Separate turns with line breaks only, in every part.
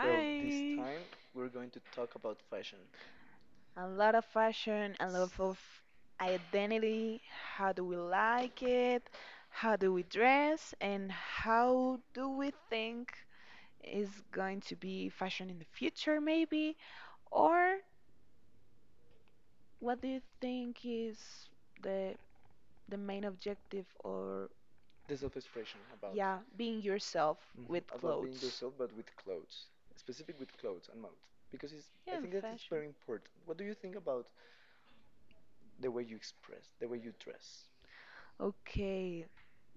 Well, this time we're going to talk about fashion,
A lot of fashion, a lot of identity. How do we like it? How do we dress? And how do we think is going to be fashion in the future, maybe? Or what do you think is the the main objective or
the self-expression about,
yeah, being yourself
mhm,
with
about being
clothes?
yourself, but with clothes, specific with clothes and mouth, because it's, I
Yeah, and
think that it's
fashion.
very important. What do you think about the way you express, the way you dress?
Okay.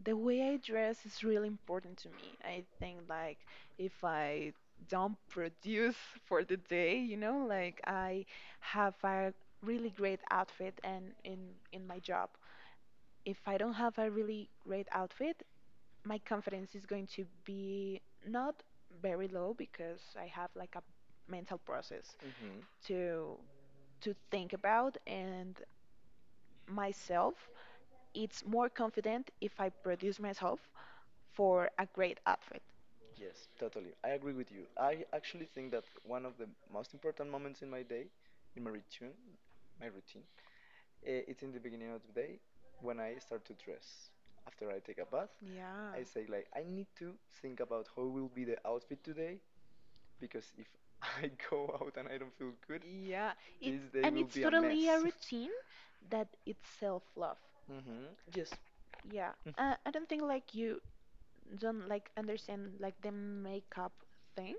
The way I dress is really important to me. I think like if I don't produce for the day, like I have a really great outfit and in my job. If I don't have a really great outfit, my confidence is going to be not very low because I have like a mental process
Hmm.
to to think about and myself it's more confident if I produce myself for a great outfit.
Yes, totally. I agree with you. I actually think that one of the most important moments in my day, in my routine, it's in the beginning of the day when I start to dress. After I take a bath,
Yeah.
I say like I need to think about how will be the outfit today because if I go out and I don't feel good,
Yeah. It
this day
and
will
it's
be a
totally a
mess.
routine that it's self-love.
Mm-hmm. Yes.
Yeah. I don't think like you don't like understand like the makeup thing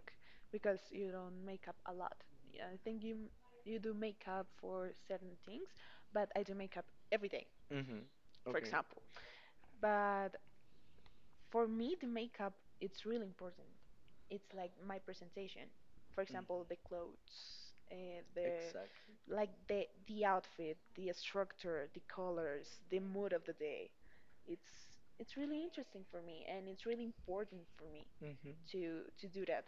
because you don't make up a lot. Yeah, I think you do makeup for certain things, but I do makeup every day,
Mm-hmm.
for
Okay.
example. But for me, the makeup, it's really important. It's like my presentation, for example,
Mm.
the clothes, the
Exact.
like the outfit, the structure, the colors, the mood of the day. it's it's really interesting for me and it's really important for me
Mm-hmm.
to do that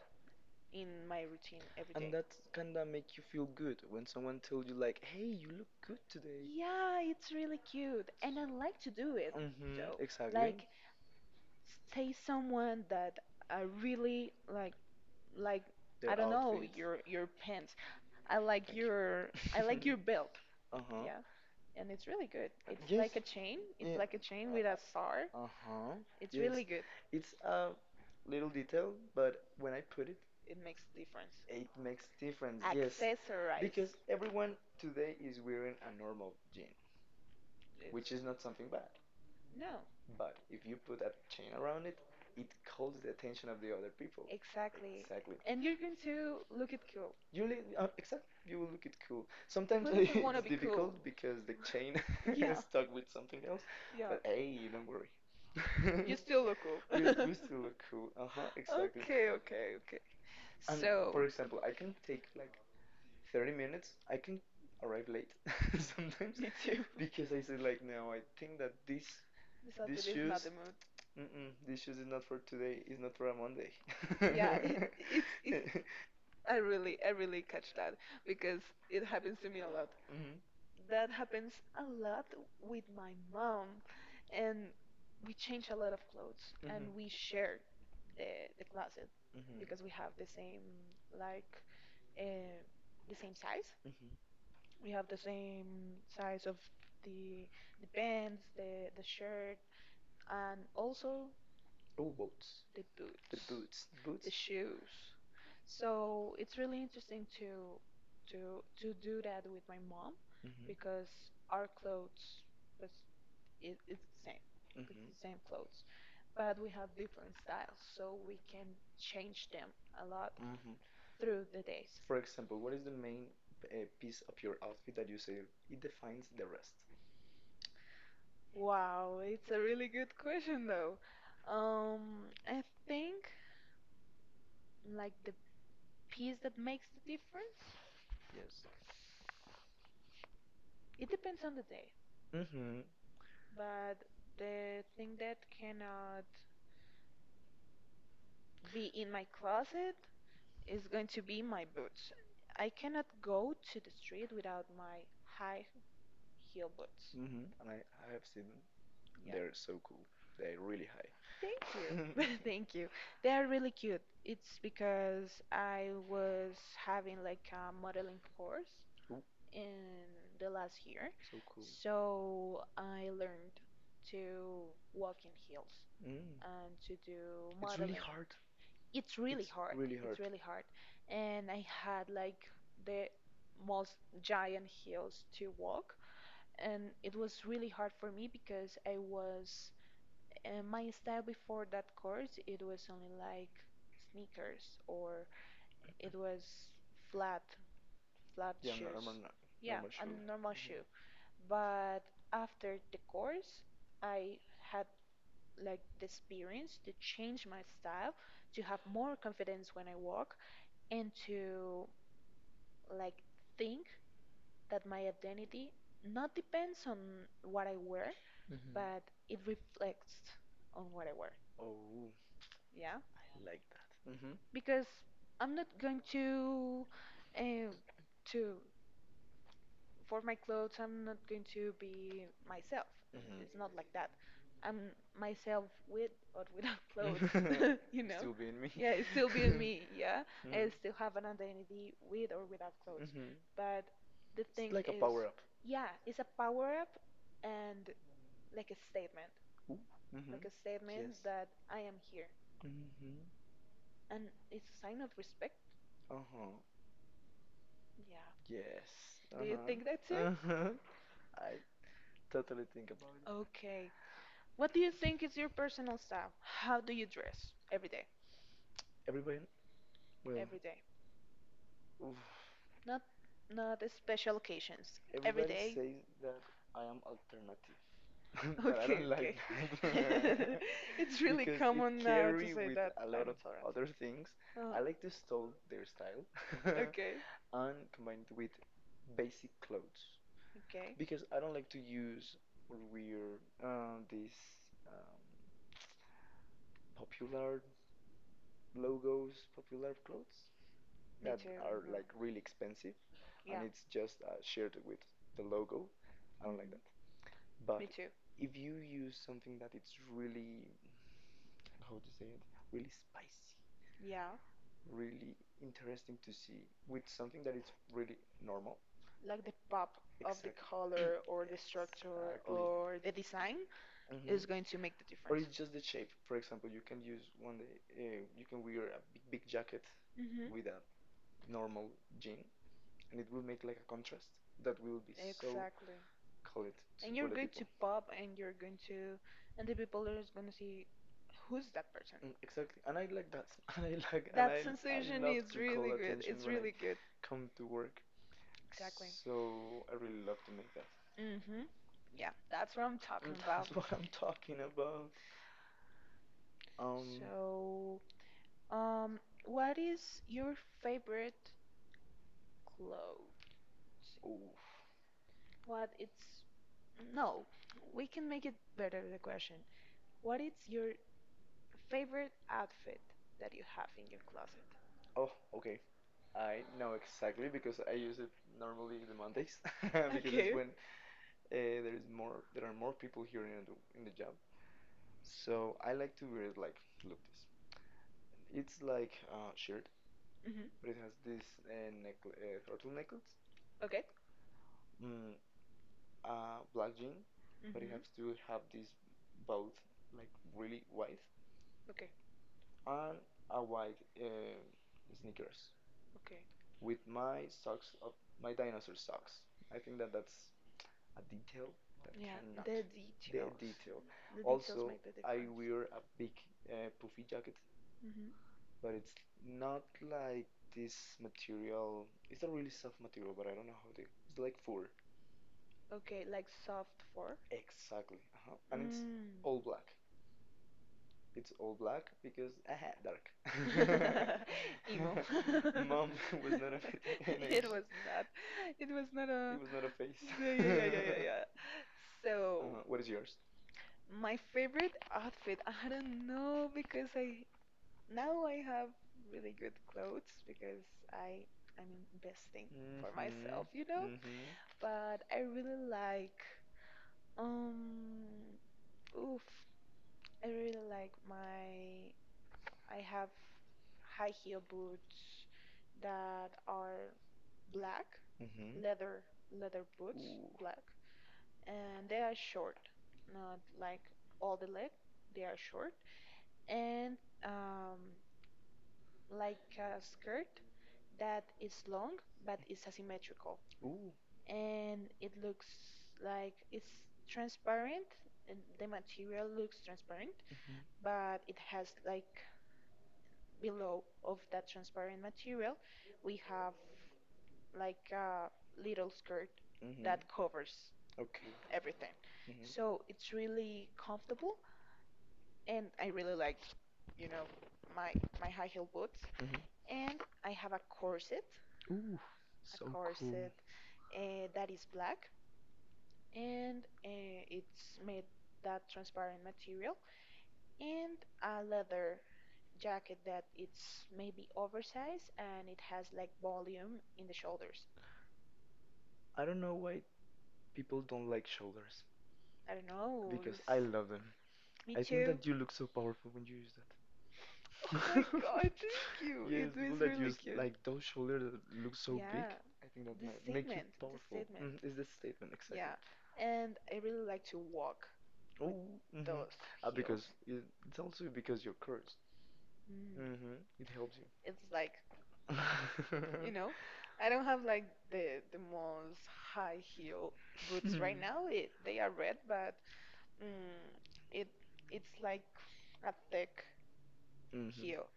in my routine every
And
day.
that kinda make you feel good when someone told you like, "Hey, you look good today."
Yeah, it's really cute and I like to do it.
Mm-hmm.
So
Exactly.
like say someone that I really like I
Their
don't know,
outfit.
your pants. I like your, I like your belt.
Uh huh.
Yeah, and it's really good. It's
Yes.
like a chain. It's
Yeah.
like a chain with a star.
Uh huh.
It's really
Yes.
good.
It's a little detail, but when I put it,
It makes a difference.
it makes difference. Yes. Because
Accessorize
everyone today is wearing a normal jean, which is
it.
not something bad.
No,
But if you put a chain around it, it calls the attention of the other people.
exactly.
Exactly.
And you're going to look it cool.
You li exactly. You will look it cool. Sometimes
Who doesn't want to
it's
be cool?
difficult because the chain
Yeah.
is stuck with something else,
Yeah.
but hey, don't worry.
You still look cool.
We we still look cool. Uh-huh, exactly.
Okay, okay, okay.
And
So,
for example, I can take like 30 minutes. I can arrive late sometimes
me too.
because I say like, no, I think that this
this
these
This is not
shoes,
the mood.
mm-mm, these shoes is not for today. It's not for a Monday.
Yeah, it, it's I really, I really catch that because it happens to me a lot.
Mhm.
That happens a lot with my mom and we change a lot of clothes and
Mhm.
mhm, we share the closet. Mhm.
Mhm.
Because we have the same like, uh, the same size.
Mhm.
We have the same size of the the pants, the shirt, and also
Oh, boats.
the boots,
The
the boots,
boots. Boots.
the shoes. So it's really interesting to to do that with my mom
Mhm.
because our clothes was, it's the same. Mm-hmm. It's
Mhm.
the same clothes, but we have different styles, so we can change them a lot
Mhm.
through the days.
For example, what is the main piece of your outfit that you say it defines the rest?
Wow, it's a really good question though. I think like the piece that makes the difference,
Yes.
it depends on the day,
Mhm.
but the thing that cannot be in my closet is going to be my boots. I cannot go to the street without my high heel boots.
Mhm. And I have seen them.
Yeah.
They're so cool. They're really
Thank you.
high.
Thank you. They are really cute. It's because I was having like a modeling course
Ooh,
in the last year.
so cool.
So I learned to walk in heels
Mm.
and to do really
It's really
modeling.
hard.
It's really hard.
Really
Really,
hard.
it's really hard. And I had like the most giant heels to walk. And it was really hard for me because I was, my style before that course, it was only like sneakers or it was flat, flat
Yeah,
shoes.
normal. Yeah,
Yeah,
normal
a
shoe.
normal
Mhm.
shoe. But after the course, I had like the experience to change my style, to have more confidence when I walk, and to like think that my identity not depends on what I wear, mhm,
Mm-hmm.
but it reflects on what I wear.
Oh,
Yeah.
I like that. Mhm.
Because I'm not going to, uh, to for my clothes, I'm not going to be myself. It's not like that. I'm myself with or without
Mhm.
clothes.
Mhm.
You know?
Still being me.
Yeah, it's still being me. Yeah,
Mhm.
I still have an identity with or without clothes.
Mhm.
But the
It's
thing
like a
is,
power up.
yeah, it's a power up and like a statement,
Ooh. Mhm.
like a statement
Yes.
that I am here,
Mhm.
and it's a sign of respect.
Uh huh.
Yeah.
Yes.
Do
Uh
you think that
huh.
too?
Uh huh. I totally think about it.
Okay. What do you think is your personal style? How do you dress every day?
Everybody. Well.
Every day.
Oof.
Not not special occasions. Will, every
Everybody
day.
says that I am alternative,
I,
but I don't
okay,
like
okay.
that
It's really
because it
common now to
carry
say
with
that
a lot
I'm
of
lot
other
a
things.
tolerant. Oh,
I like to stole their style
okay.
and combined with basic clothes
Okay.
because I don't like to use or wear these um, popular logos, popular clothes
Me
that
too.
are
Uh-huh.
like really
And
expensive,
yeah.
and it's just shared with the logo. I don't like
Mhm.
that.
That.
But
Me
me too.
too.
If you use something that it's really, how to say it, really spicy,
Yeah,
really interesting to see with something that it's really normal.
like the pop
Ex-
of the
Color
color
or
or the
the structure
structure
exactly.
or the design
Or
is
mhm.
going to make the
Or
difference.
it's just the shape. For example, you can use one day, you can wear a big, big jacket. Mhm.
Hmm.
With a normal jean, and it will make like a contrast that will be so
Exactly.
exactly colored to, and
And
you for
you're
the
going to
people.
pop and you're going to, and the people are just going to see who's that person.
Mm, exactly, and I like that, and I like, and that I,
That
I sensation
sensation
love is
is
to really call
really
good.
good.
Attention it's
It's
when I
really good.
come to work.
Exactly.
So I really love to make that.
Hmm. Yeah, that's what I'm talking
And
about.
that's what I'm talking about. Um,
So, Um, what is your favorite clothes?
Oof.
What it's, no, we can make it better the question. What is your favorite outfit that you have in your closet?
Oh, okay. I know exactly because I use it normally the Mondays because it's
Okay.
when there is more, there are more people here in the job. So I like to wear it like, look this. It's like a shirt,
Mm-hmm.
but it has this neckla turtle necklace,
Okay.
mm, black jean, but it has to
Mm-hmm.
have this both like really wide
Okay.
and a white sneakers
Okay.
with my socks of my dinosaur socks. I think that that's a detail that
Yeah,
cannot.
the
The
details.
detail.
The details
Also,
make the
I
difference.
wear a big puffy jacket,
Mm-hmm.
but it's not like this material. It's a really soft material, but I don't know how to. It's like fur.
Okay, like soft fur.
Exactly. Uh-huh. And it's
Mm.
all black. It's all black because aha, dark.
Emo. Mom
Mom
was not
was
a
not a
good, it
veterinarian.
name, was not. It was not, it a, it was not a
It was not a face.
face. Yeah, yeah, yeah, yeah, yeah, yeah. So,
Uh-huh. What is yours?
my favorite outfit, I don't know because I, now I have really good clothes because I I'm investing for myself, you know?
Mm-hmm. Mm-hmm.
But I really like, um, oof, I really like my, I have high heel boots that are black,
Mm-hmm.
leather leather boots,
Ooh.
black, and they are short, not like all the leg. They are short and, um, like a skirt that is long but is asymmetrical,
Ooh.
and it looks like it's transparent. And the material looks transparent,
Mm-hmm.
but it has like below of that transparent material, we have like a little skirt
Mm-hmm.
that covers
Okay.
everything. Mm-hmm. So
Mm-hmm.
it's really comfortable, and I really like, you know, my my high heel boots.
Mm-hmm.
And I have a corset,
Ooh.
a so
So cool.
corset cool, that is black, and it's made that transparent material, and a leather jacket that it's maybe oversized and it has like volume in the shoulders.
I don't know why people don't like shoulders
I don't know.
because I love them.
Me
I think
too.
that you look so powerful when you use that.
Oh my god, thank you.
Yes,
It is
people that
really
use
cute.
like those shoulders that look so big,
Yeah,
I think that
the
make you
statement, the
powerful.
statement.
Mm, is the statement exactly?
Yeah, and I really like to walk
Oh, hmm.
those
Because
heels.
it's also because you're cursed.
Mm.
Mm-hmm. It helps you.
It's like, you know, I don't have like the most high heel boots right now. It, they are red, but mm, it it's like a thick
Mm-hmm.
heel,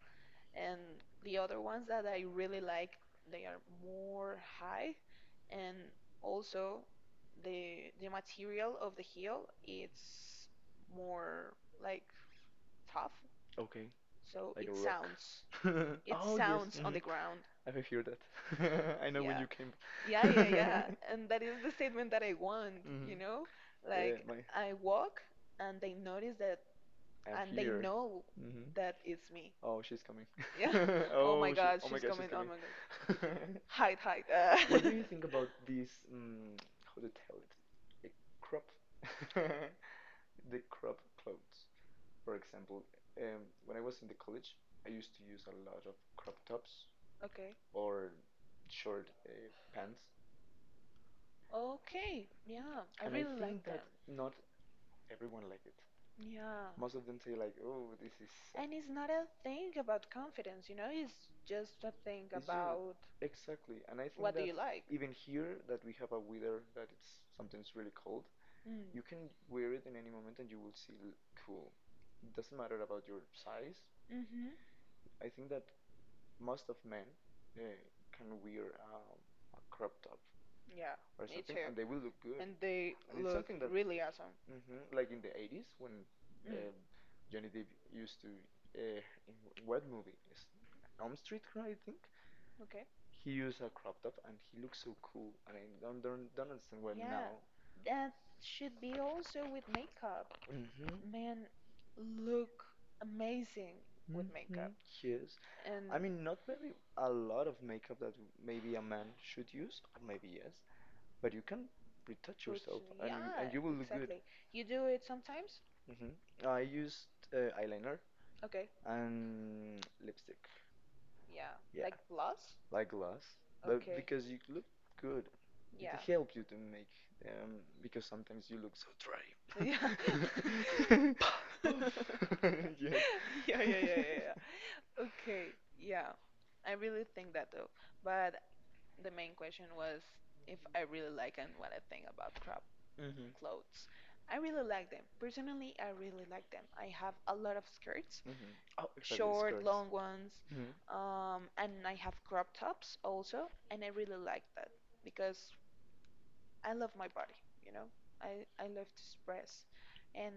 and the other ones that I really like, they are more high, and also the material of the heel, it's more like tough,
Okay.
so
Like
it,
a
yeah,
rock.
sounds it, oh yes,
Oh yes.
sounds yes on
Mhm.
the yes ground. I
I've
hear
heard
that.
that. I
I know,
know when
yeah,
you came.
you, yeah, yeah, yeah. And that is the statement that I want, mhm, you
Mhm.
know? Yeah,
Yeah,
Like,
my
like, I walk and they notice that
I'm
and they
here.
know
Hmm.
that it's me.
Oh, she's coming.
Yeah.
Yeah.
Oh, oh
Oh. Oh,
my
oh, she
God,
oh my
she's
god, she's
coming. Oh
coming.
my God.
Over.
Hide, hide. Uh,
What do
What
you think about this, how to tell it? The crop the crop clothes. For example, when I was in the college, I used to use a lot of crop tops
okay.
or short pants.
Okay. Yeah, I
And I
really
think
like
that
them.
that. Not everyone like it.
Yeah.
Most of them say like, "Oh, this is
And it's
uh,
not a thing about confidence, you know, it's just a thing
it's just
about, and
exactly, and I think
what do
that
you that like.
even here that we have a weather that it's sometimes really cold,
Mm.
you can wear
You
it
can
in any moment and you will
you
feel cool. It doesn't matter about your size.
see hmm,
I think that most of men uh, can wear a crop top
yeah,
or
me
something,
too,
and they will look
they,
good.
and they
And
and
it's
look
something that,
really awesome.
mhm, like in the 80s when
Mm,
um Johnny Depp used to, uh, in what movie? Is Elm Street, I think?
okay.
He used a crop top and he looks so cool and I don't understand why
Yeah,
now.
that should be also with makeup.
Mm-hmm.
Men look amazing with
Mm-hmm.
makeup.
Yes.
And
I mean,
put,
not very a lot of makeup that maybe a man should use, or maybe yes, but you can retouch yourself and you,
yeah,
and you will look good.
exactly. You do it sometimes?
Hmm. I used eyeliner
Okay,
and lipstick.
yeah.
Yeah.
Like gloves?
Like glass, but
Okay,
because you look good, it,
yeah.
yeah, helps you to make them because sometimes you look so dry.
Yeah.
Poof. Yes.
Yeah, yeah, yeah, yeah, yeah. Okay, yeah. I really think that though. But the main question was if I really like and what I think about crop
Mhm.
clothes. I really like them. Personally, I really like them. I have a lot of skirts,
Mhm. Oh, exactly.
short,
Skirts.
long ones,
Long. Mhm.
and I have crop tops also, and I really like that because I love my body, you know? I love to express. And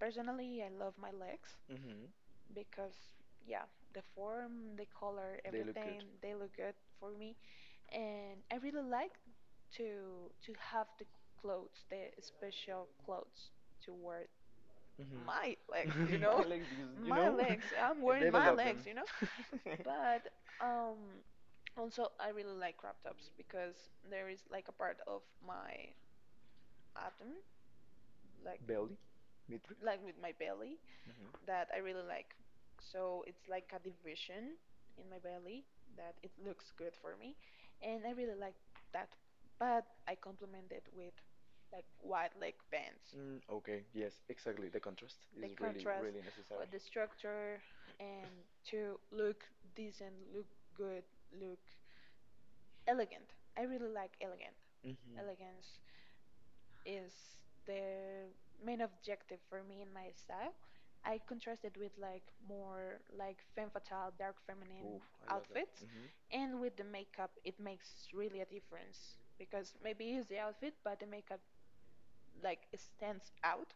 personally, I love my legs
Mhm.
because, yeah, the form, the color,
They look
everything,
good.
they look good for me. And I really like to have the clothes, the special clothes to wear
Everything.
my
Mhm.
legs, you
My
know,
legs, because you
my
know,
legs. I'm wearing my
developed
legs,
them.
you know. But um, also I really like crop tops because there is like a part of my abdomen, like,
Belly, mitre.
with my belly,
Mhm.
that I really like. So it's like a division in my belly that it looks good for me, and I really like that. But I complement it with like white leg bands,
Mm, okay. Yes. Exactly. The contrast
the
is really,
contrast
really
or
necessary.
the structure, and to look decent, look good, look elegant. I really like elegant.
Mm-hmm.
Elegance is the main objective for me in my style. I contrast it with like more like femme fatale, dark feminine
Oof, I love that.
outfits,
Hmm.
and with the makeup, it makes really a difference because maybe it's the outfit, but the makeup like stands out,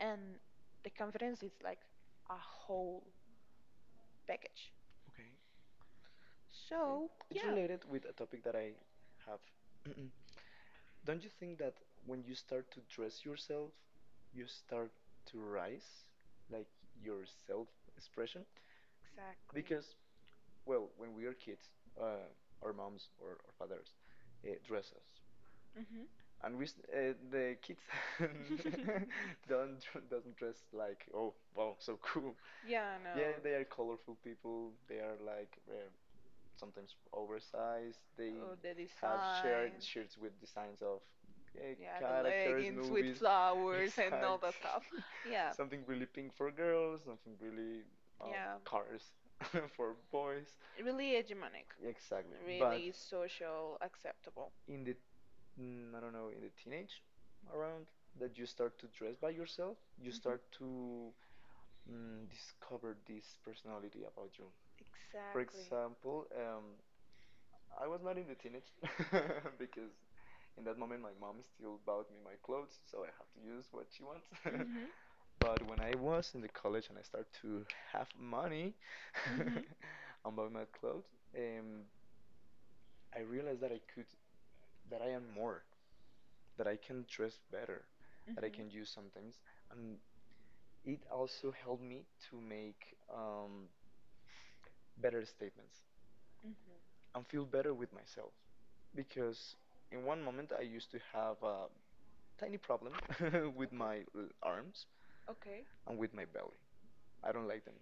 and the confidence is like a whole package.
Okay.
So
It's
yeah,
related with a topic that I have. Don't you think that when you start to dress yourself, you start to rise, like your self expression?
exactly.
Because, well, when we are kids, uh, our moms or our fathers dress us.
Hmm.
And we the kids don't doesn't dress like oh wow so cool.
Yeah,
Yeah, they are
I
colorful people. They are like sometimes oversized. They
the
have
have
shared shirts with designs of yeah, characters, movies.
flowers.
Exactly.
Yeah,
Something really pink for girls, something really um, cars for boys.
really hegemonic,
Exactly. But
but social, acceptable.
in the mm, I don't know, in the teenage around that you start to dress by yourself, you start to mm, discover this personality about you. For
Start.
example, I was not in the teenage because in that moment my mom still bought me my clothes, so I have to use what she wants.
Mhm.
But when I was in the college and I start to have money and buy my clothes, um, I realized that I could, that I am more. That I can dress better, that I can use sometimes, and it also helped me to make better statements
Mhm.
and feel better with myself because in one moment I used to have a tiny problem with my arms
Okay.
and with my belly. I don't like them.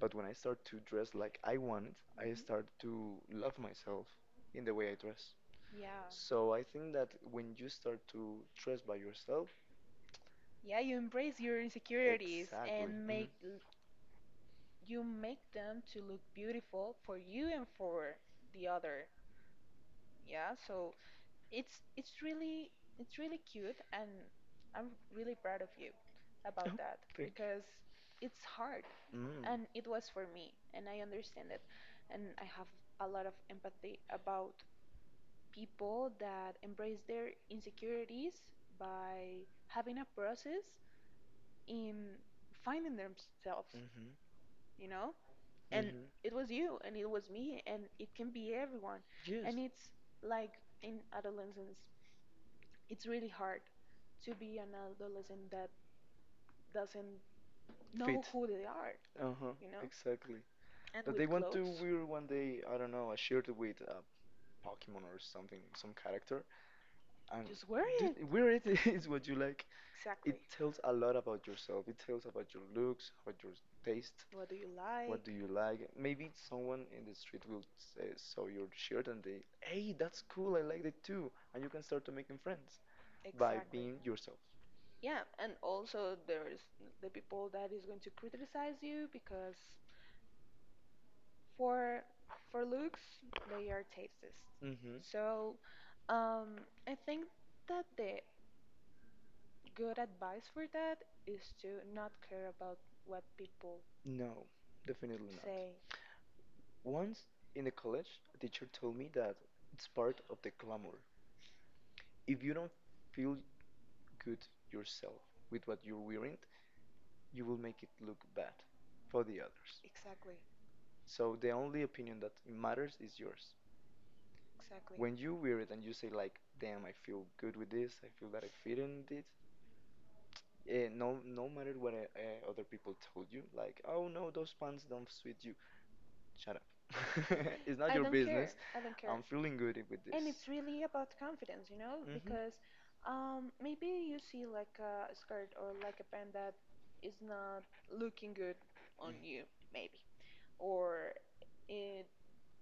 But when I start to dress like I want, I start to love myself in the way I dress.
Yeah.
So I think that when you start to dress by yourself,
Yeah, you embrace your insecurities
exactly.
and
Hmm.
you make them to look beautiful for you and for the other. Yeah, so it's really cute, and I'm really proud of you. Yeah, about.
Oh,
Yeah, that,
thank
thank, because it's hard
you. Mm.
and it was for me and I understand it, and I have a lot of empathy about people that embrace their insecurities by having a process in finding themselves,
Mhm.
you know? And
Mhm.
it was you and it was me, and it can be everyone.
Yes.
And it's like in adolescence, it's really hard to be an adolescent that doesn't know
Fit.
who they are,
Uh-huh. You
you know?
exactly. And
And
that they
with
with want to
clothes,
wear one day, I don't know, a shirt with a Pokemon or something, some character, and
just wear it.
dude, wear it is what you like. It
Exactly.
tells a lot about yourself. It tells about your looks, about your taste.
What do you
What do
like?
you like? Maybe someone in the street will say, saw your shirt and they, hey, that's cool. I like it too. And you can start to making friends by
Exactly.
being yourself.
Yeah, and also there's the people that is going to criticize you because for for looks. They are tastist,
Hmm.
so um, I think that the good advice for that is to not care about what people
No, definitely not.
say.
Once in the college, a teacher told me that it's part of the glamour. If you don't feel good yourself with what you're wearing, you will make it look bad for the others.
Exactly,
So the only opinion that matters is yours.
exactly.
When you wear it and you say like, "Damn, I feel good with this. I feel that I fit in it." No matter what other people told you, like, "Oh no, those pants don't suit you." Shut up. It's not
I
your
don't care,
business.
I don't care.
I'm feeling good with this.
And it's really about confidence, you know,
Mhm. Mhm.
because maybe you see like a skirt or like a pant that is not looking good on you, maybe, or it,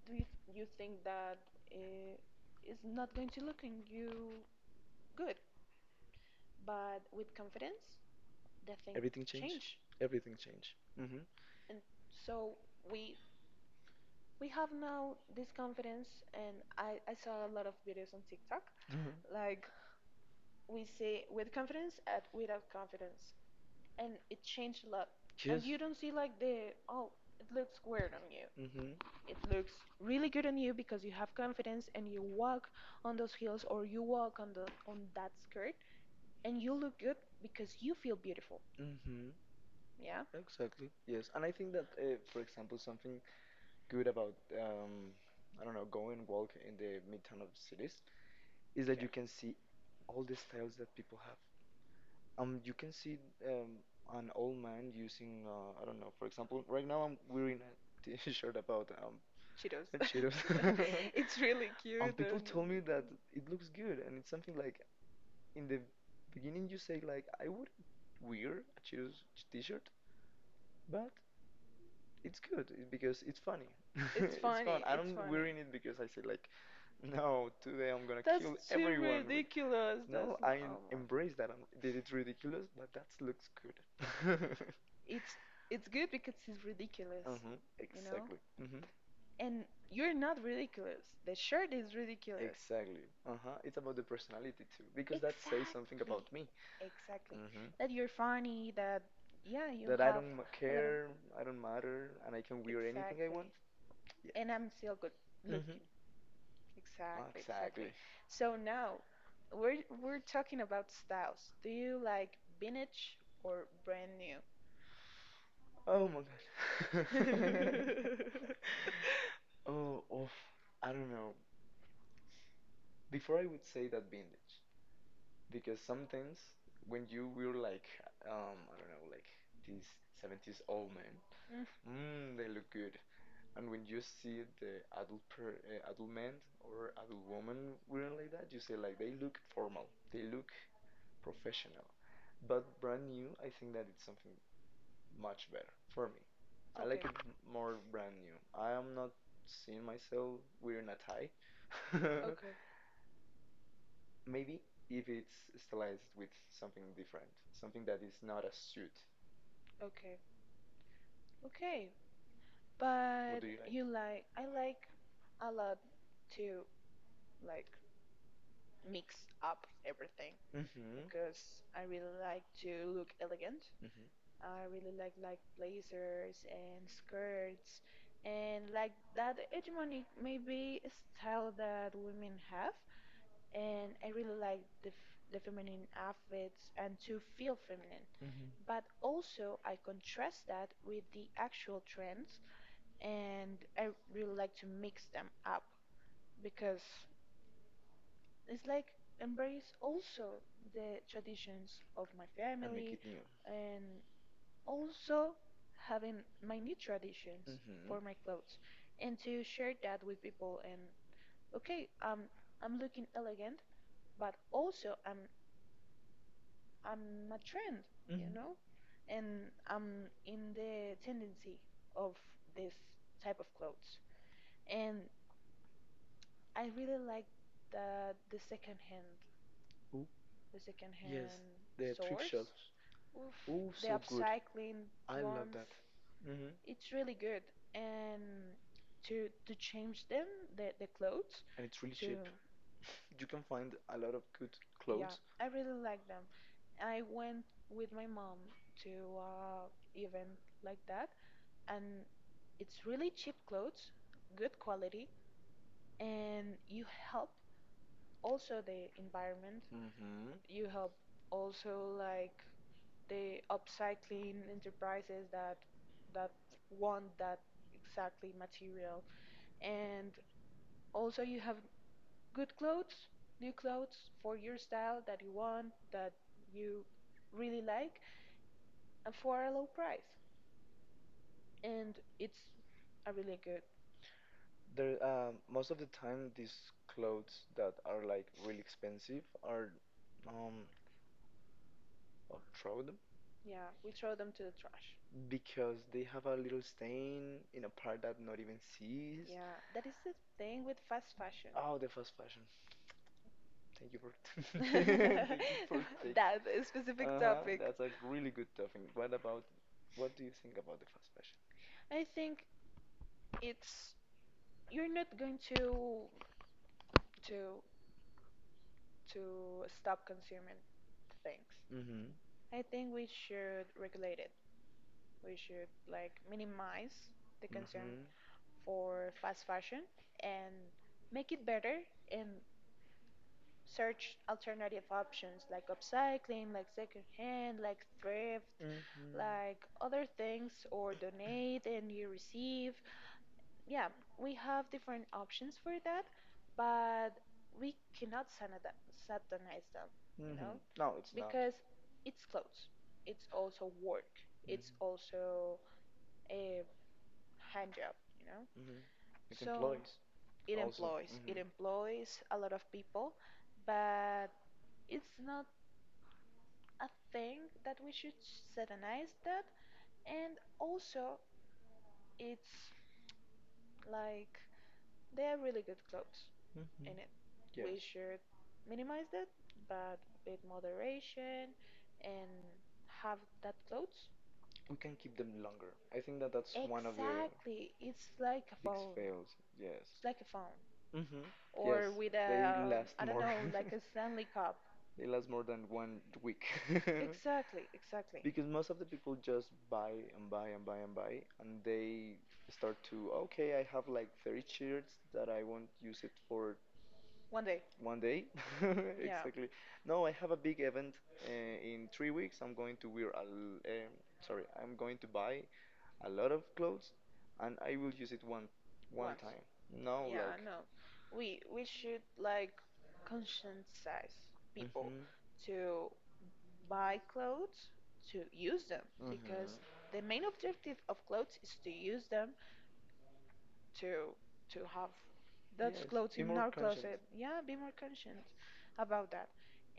do you, you think that it is not going to look on you good, but with confidence, the thing
Everything changed.
change.
Everything changed.
And so we we have now this confidence, and I saw a lot of videos on TikTok,
Hmm.
like we say, with confidence at without confidence, and it changed a lot. Cheers. And
Just.
you don't see like the, oh, it looks weird on you.
You.
It looks really good on you because you have confidence and you walk on those heels, or you walk on that skirt, and you look good because you feel beautiful.
Mhm. Mhm.
Yeah,
Exactly. Yes. And I think that, for example, something good about I don't know, go and walk in the midtown of cities is that you can see all the styles that people have. You can see um an old man using I don't know, for example, right now I'm wearing a t-shirt about
Cheetos,
Cheetos. Cheetos.
Cheetos.
It's really.
It's really
And
cute
people
and
though. Told me that it looks good, and it's something like in the beginning you say like I wouldn't wear a Cheetos t-shirt, but it's good because it's funny.
it's
It's fun.
funny.
I
It's
don't
funny.
wearing it because I say like no, today I'm gonna
That's
kill
too
everyone. With-"
ridiculous.
No,
That's not,
I
oh,
embrace that. That it's ridiculous, but that looks good.
It's it's good because it's ridiculous,
Uh-huh,
you know?
exactly. Mm-hmm.
And you're not ridiculous. The shirt is ridiculous.
Exactly. Uh-huh. It's about the personality too, because that
Exact-
says something about me.
Exactly.
Mm-hmm.
That, you're funny. That, yeah, you
That I
have
don't care, I don't matter, and I can wear anything I
Exactly.
want. Yeah.
And I'm still good looking.
Mhm.
Mhm. Exactly, exactly.
Exactly.
Exactly. So now we're talking about styles. Do you like vintage or brand new?
Oh my god. Oh, oof. I don't know. Before I would say that vintage, because some things when you were like, I don't know, like these 70s old men,
Mm,
mm, they look good. And when you see the adult man or adult woman wearing like that, you say like they look formal, they look professional. But brand new, I think that it's something much better for me. I like
okay,
it more brand new. I am not seeing myself wearing a tie.
okay,
Maybe if it's stylized with something different, something that is not a suit.
okay, okay.
But what
But
do you like?
you like? You
You,
like?
I
I
like.
like a lot too, like mix up everything
Mm-hmm.
because
Because
I
I really
really
like
like
to
to
look
look
elegant.
elegant.
Mm-hmm.
I really like blazers and skirts and like that hegemonic, maybe, style that women have, and I really like the feminine outfits and to feel feminine.
Mm-hmm.
But also I contrast that with the actual trends, and I really like to mix them up because it's like embrace also
The
the
traditions
traditions
of.
of my
And make
family
family, it new.
and also having my new
Traditions.
traditions
Mm-hmm.
for my
For my,
clothes and to share that with people. And okay, I'm looking elegant, but also I'm a trend,
you know. Mm-hmm.
you know, and I'm in the tendency of this type of clothes. And I really like the the second hand
Ooh.
the
Because I can
second
have. Yes,
hand
the thrift
source.
shops.
Oof,
Swords. Oh,
the
so good.
upcycling
I love
ones,
that. Hmm.
it's really good. And to change them, the clothes,
And it's really
to,
cheap. You can find a lot of good
yeah,
clothes.
I really like them. I went with my mom to uh event like that, and it's really cheap clothes, good quality, and you help also the environment.
Hmm.
You help also like they upcycling enterprises that want that exactly material. And also you have good clothes, new clothes for your style that you want, that you really like, and for a low price. And it's a really good.
There, most of the time, these clothes that are like really expensive are um throw them
Yeah, we throw them to the trash.
because they have a little stain in a part that not even sees.
Yeah, that is the thing with fast fashion.
Oh, the fast fashion. Thank you for. Thank you for taking.
That specific
Uh huh.
topic.
That's a really good topic. What about what do you think about the fast fashion?
I think it's you're not going to to to stop consuming things.
Mm-hmm.
I think we should regulate it. We should like minimize the consume
Mm-hmm.
for fast fashion and make it better and search alternative options like upcycling, like secondhand, like thrift,
Mm-hmm.
like other things, or donate and you receive. Yeah, we have different options for that, but we cannot satanize them, you know,
Mm-hmm. No, it's not.
because it's clothes, it's also work, it's
Mm-hmm.
also a hand job, you know.
Mm-hmm. It
So
employs
it
also.
employs, it
Mm-hmm.
employs a lot of people, but it's not a thing that we should satanize that. And also it's like they are really good clothes,
Mm-hmm.
and it,
Yes.
we should minimize that, but with moderation, and have that clothes.
We can keep them longer. I think that's one of the
Exactly, it's like a
big
phone.
fails. Yes.
It's like a phone, yes,
Mm-hmm. Yeah,
or with a,
they last
I don't
more.
know, like a Stanley cup.
They last more than one
Week.
week.
Exactly, exactly.
Because most of the people just buy and buy and buy and buy, and they start to, okay, I have like 30 shirts that I won't use it for
One day,
one day.
yeah.
Exactly. No, I have a big event in 3 weeks. I'm going to wear sorry, I'm going to buy a lot of clothes, and I will use it one
One
one
once.
time. No,
Time. Yeah, I
like,
know. We should like conscientize people.
mhm.
Mhm. To buy clothes, to use them,
Because mhm.
because the main objective of clothes is to use them, to have those
Yes,
clothes
be
in
more
our
conscient.
closet. Yeah, be more conscious about that.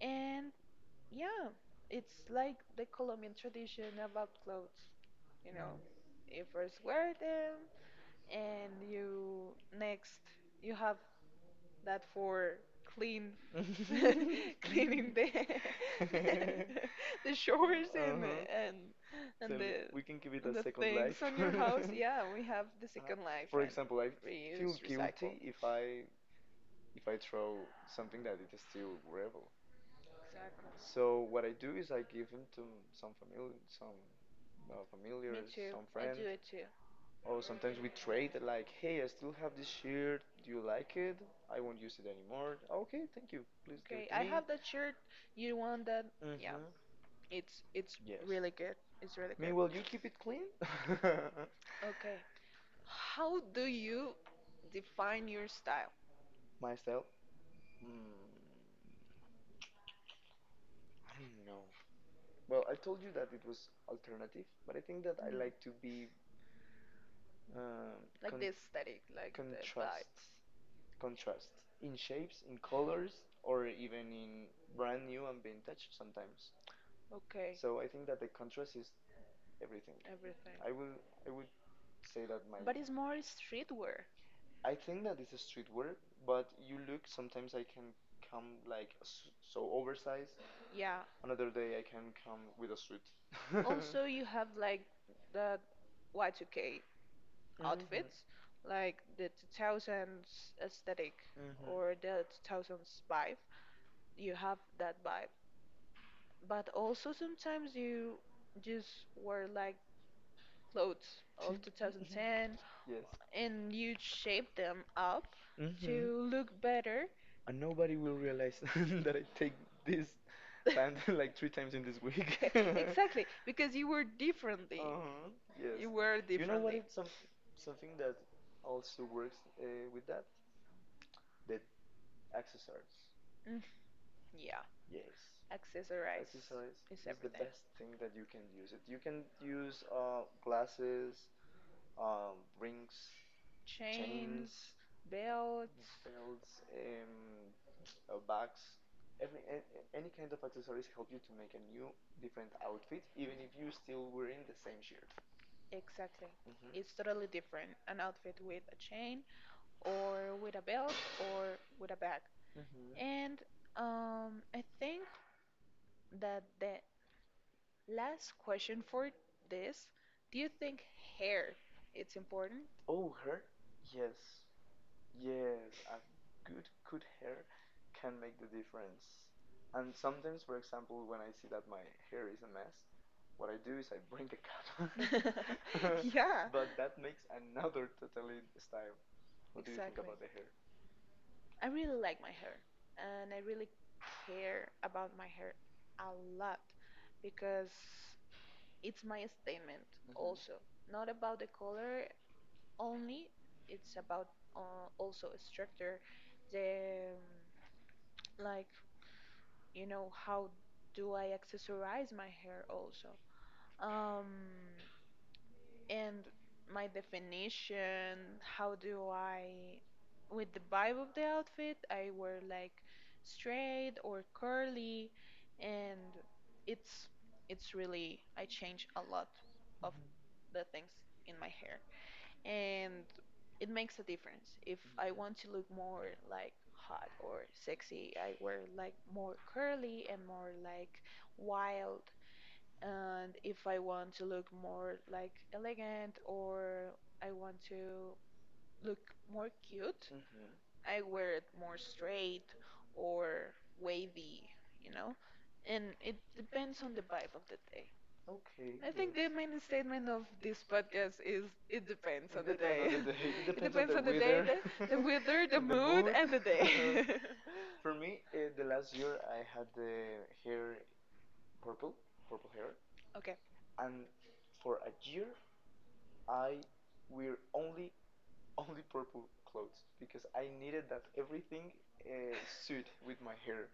And yeah, it's like the Colombian tradition about clothes. You know, you first wear them, and you next you have that for clean cleaning the the showers
The, uh-huh.
and
So
and the
we can give it a
and the
second
things
life.
on your house. Yeah, we have the
Uh,
second life
for
and
example, I feel
reuse, recycle.
guilty recycling. if I
Exactly.
if I throw something that it is still wearable. So what I do is I give them to some family, some me
Me
familiars,
too.
some me
I
friend,
do it too.
or sometimes we trade. Like, hey, I still have this shirt. Do you like it? I won't use it anymore. Okay, thank you. Please give it.
Okay,
Hey, to
I
me.
have that shirt. You want that?
Hmm.
Yeah.
Yeah.
It's
Yes.
really good. It's really
Me,
good.
will you keep it clean?
Okay. How do you define your style?
Myself? Hmm. I don't know. Well, I told you that it was alternative, but I think that I like to
Mm.
be um,
Like the
con-
aesthetic, like the vibe.
contrasts, contrast in shapes, in colors, or even in brand new and vintage sometimes.
Okay.
So I think that the contrast is everything.
Everything.
I will, I would say that my.
But it's more streetwear.
I think that it's a street wear, but you look sometimes I can come like so oversized.
Yeah.
Another day I can come with a suit.
Also, you have like the Y2K
Mhm.
outfits, like the 2000s aesthetic,
Mhm.
or the 2005. You have that vibe. But also sometimes you just wear like clothes
Ti-
of
mhm.
2010
Yes.
and you shape them up to
Mhm.
look better.
And nobody will realize that I take this pant like three times in this week.
Exactly, because you were differently.
Uh-huh. Yes.
You were
You know what?
differently.
It's something that also works with that? The accessories.
Mm, yeah,
Yes.
accessorize
Exercise
is
is the
everything.
best thing that you can use. It you can use glasses, rings, chains,
Chains, belts.
belts, bags. Every any kind of accessories help you to make a new, different outfit, even if you still wearing the same shirt.
Exactly. It's
Mhm.
totally different. An outfit with a chain or with a belt or with a bag.
Mhm.
And I think that the last question for this, do you think hair it's important?
Oh, her? Yes. Yes, a good hair can make the difference. And sometimes, for example, when I see that my hair is a mess, what I do is I bring a cut.
Cap. Yeah,
But that makes another totally style.
what
What do you think
exactly.
exactly about the hair?
I really like my hair, and I really care about my hair a lot because it's my statement also. Not about the color, only it's about, also a structure, the, um, like, you know, how do I accessorize my hair also, um and my definition, how do I, with the vibe of the outfit, I wear like straight or curly. And it's it's really, I change a lot of
Mhm.
the things in my hair, and it makes a difference. If I want to look more like hot or sexy, I wear like more curly and more like wild. And if I want to look more like elegant, or I want to look more cute,
Mhm.
I wear it more straight or wavy, you know? And it depends on the vibe of the day.
Okay,
I think the
yes.
main statement of this podcast is, it depends on
It
it
the
the day,
day. It
the
depends on
weather, the
the.
and the day.
For me, the last year I had the hair purple, purple hair,
Okay.
and for a year I wear only only purple clothes because I needed that everything suit with my hair.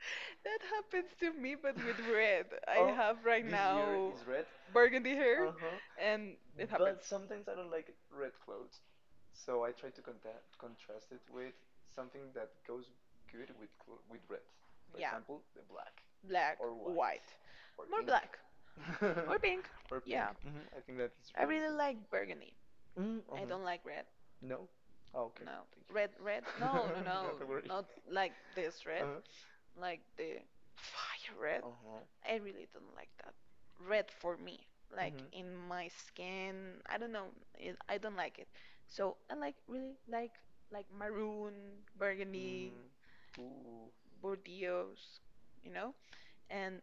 That happens to me, but with red. I
Oh,
have right
this year
now
is red.
burgundy hair,
Uh huh.
and it, but
But
happens.
sometimes I don't like red clothes, so I try to contrast it with something that goes good with with red. For
Yeah.
example, the black
Black,
or white, white. Or
more
pink
black.
or or pink.
Yeah.
Mhm, I think that is.
I really like burgundy. I
Mhm.
don't like red.
No. Oh, okay.
No.
Thank
Red,
you.
red? No, no, no.
Not a. Worry.
Not like this red.
Uh
Like the fire red.
huh. Uh huh.
I really don't like that. Red for me, like
Mhm.
in my skin, I don't know, it, I don't like it. So I really like maroon, burgundy,
Mm. Ooh.
Bordeaux, you know? And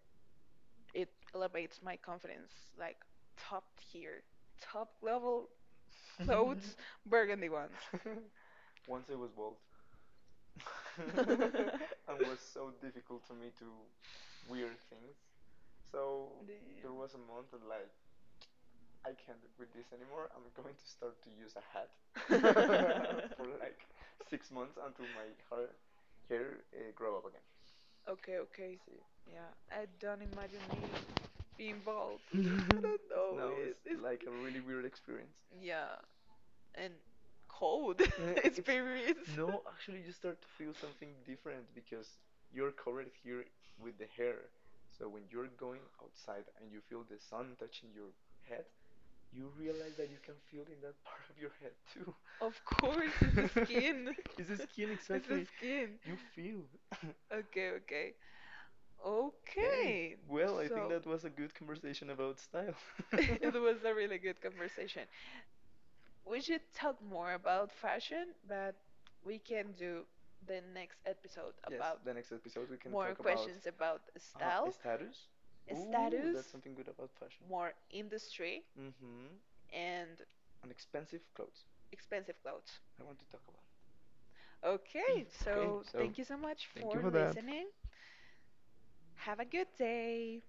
it elevates my confidence like top tier, top level, clothes, burgundy ones.
Once I was bald. And was so difficult to me to weird things. So there was
There.
a month that like I can't with this anymore. I'm going to start to use a hat
Damn.
for like 6 months until my hair hair uh, grow up again.
Okay, okay, see.
See,
Yeah, I don't imagine me being bald. I don't know.
no,
It,
it's
it's
like a really weird experience.
yeah, and cold.
Uh,
Yeah,
it's experience.
experience.
No, actually, you start to feel something different because you're covered here with the hair. So when you're going outside and you feel the sun touching your head, you realize that you can feel in that part of your head too.
Of
Of
course, it's the
course. It's a skin,
skin.
it's the skin, it's the
It's the
exactly. Skin.
skin.
You feel.
Feel. Okay, okay.
Okay. Okay.
Okay.
Well, I think
So
so, that was a good conversation about style.
that,
It
it
was
was a really good
a
conversation.
conversation.
We should talk more about fashion, but we can do the next episode
Yes,
about
about the next episode we can more
more
talk about
questions about
questions.
style,
Status. Ooh,
status,
that's something good about fashion.
more industry,
Mm-hmm.
and
And expensive clothes.
expensive clothes.
I want to talk about it.
Okay,
Okay,
so
so
thank you so much
thank you
for
for that.
listening. Have a good day.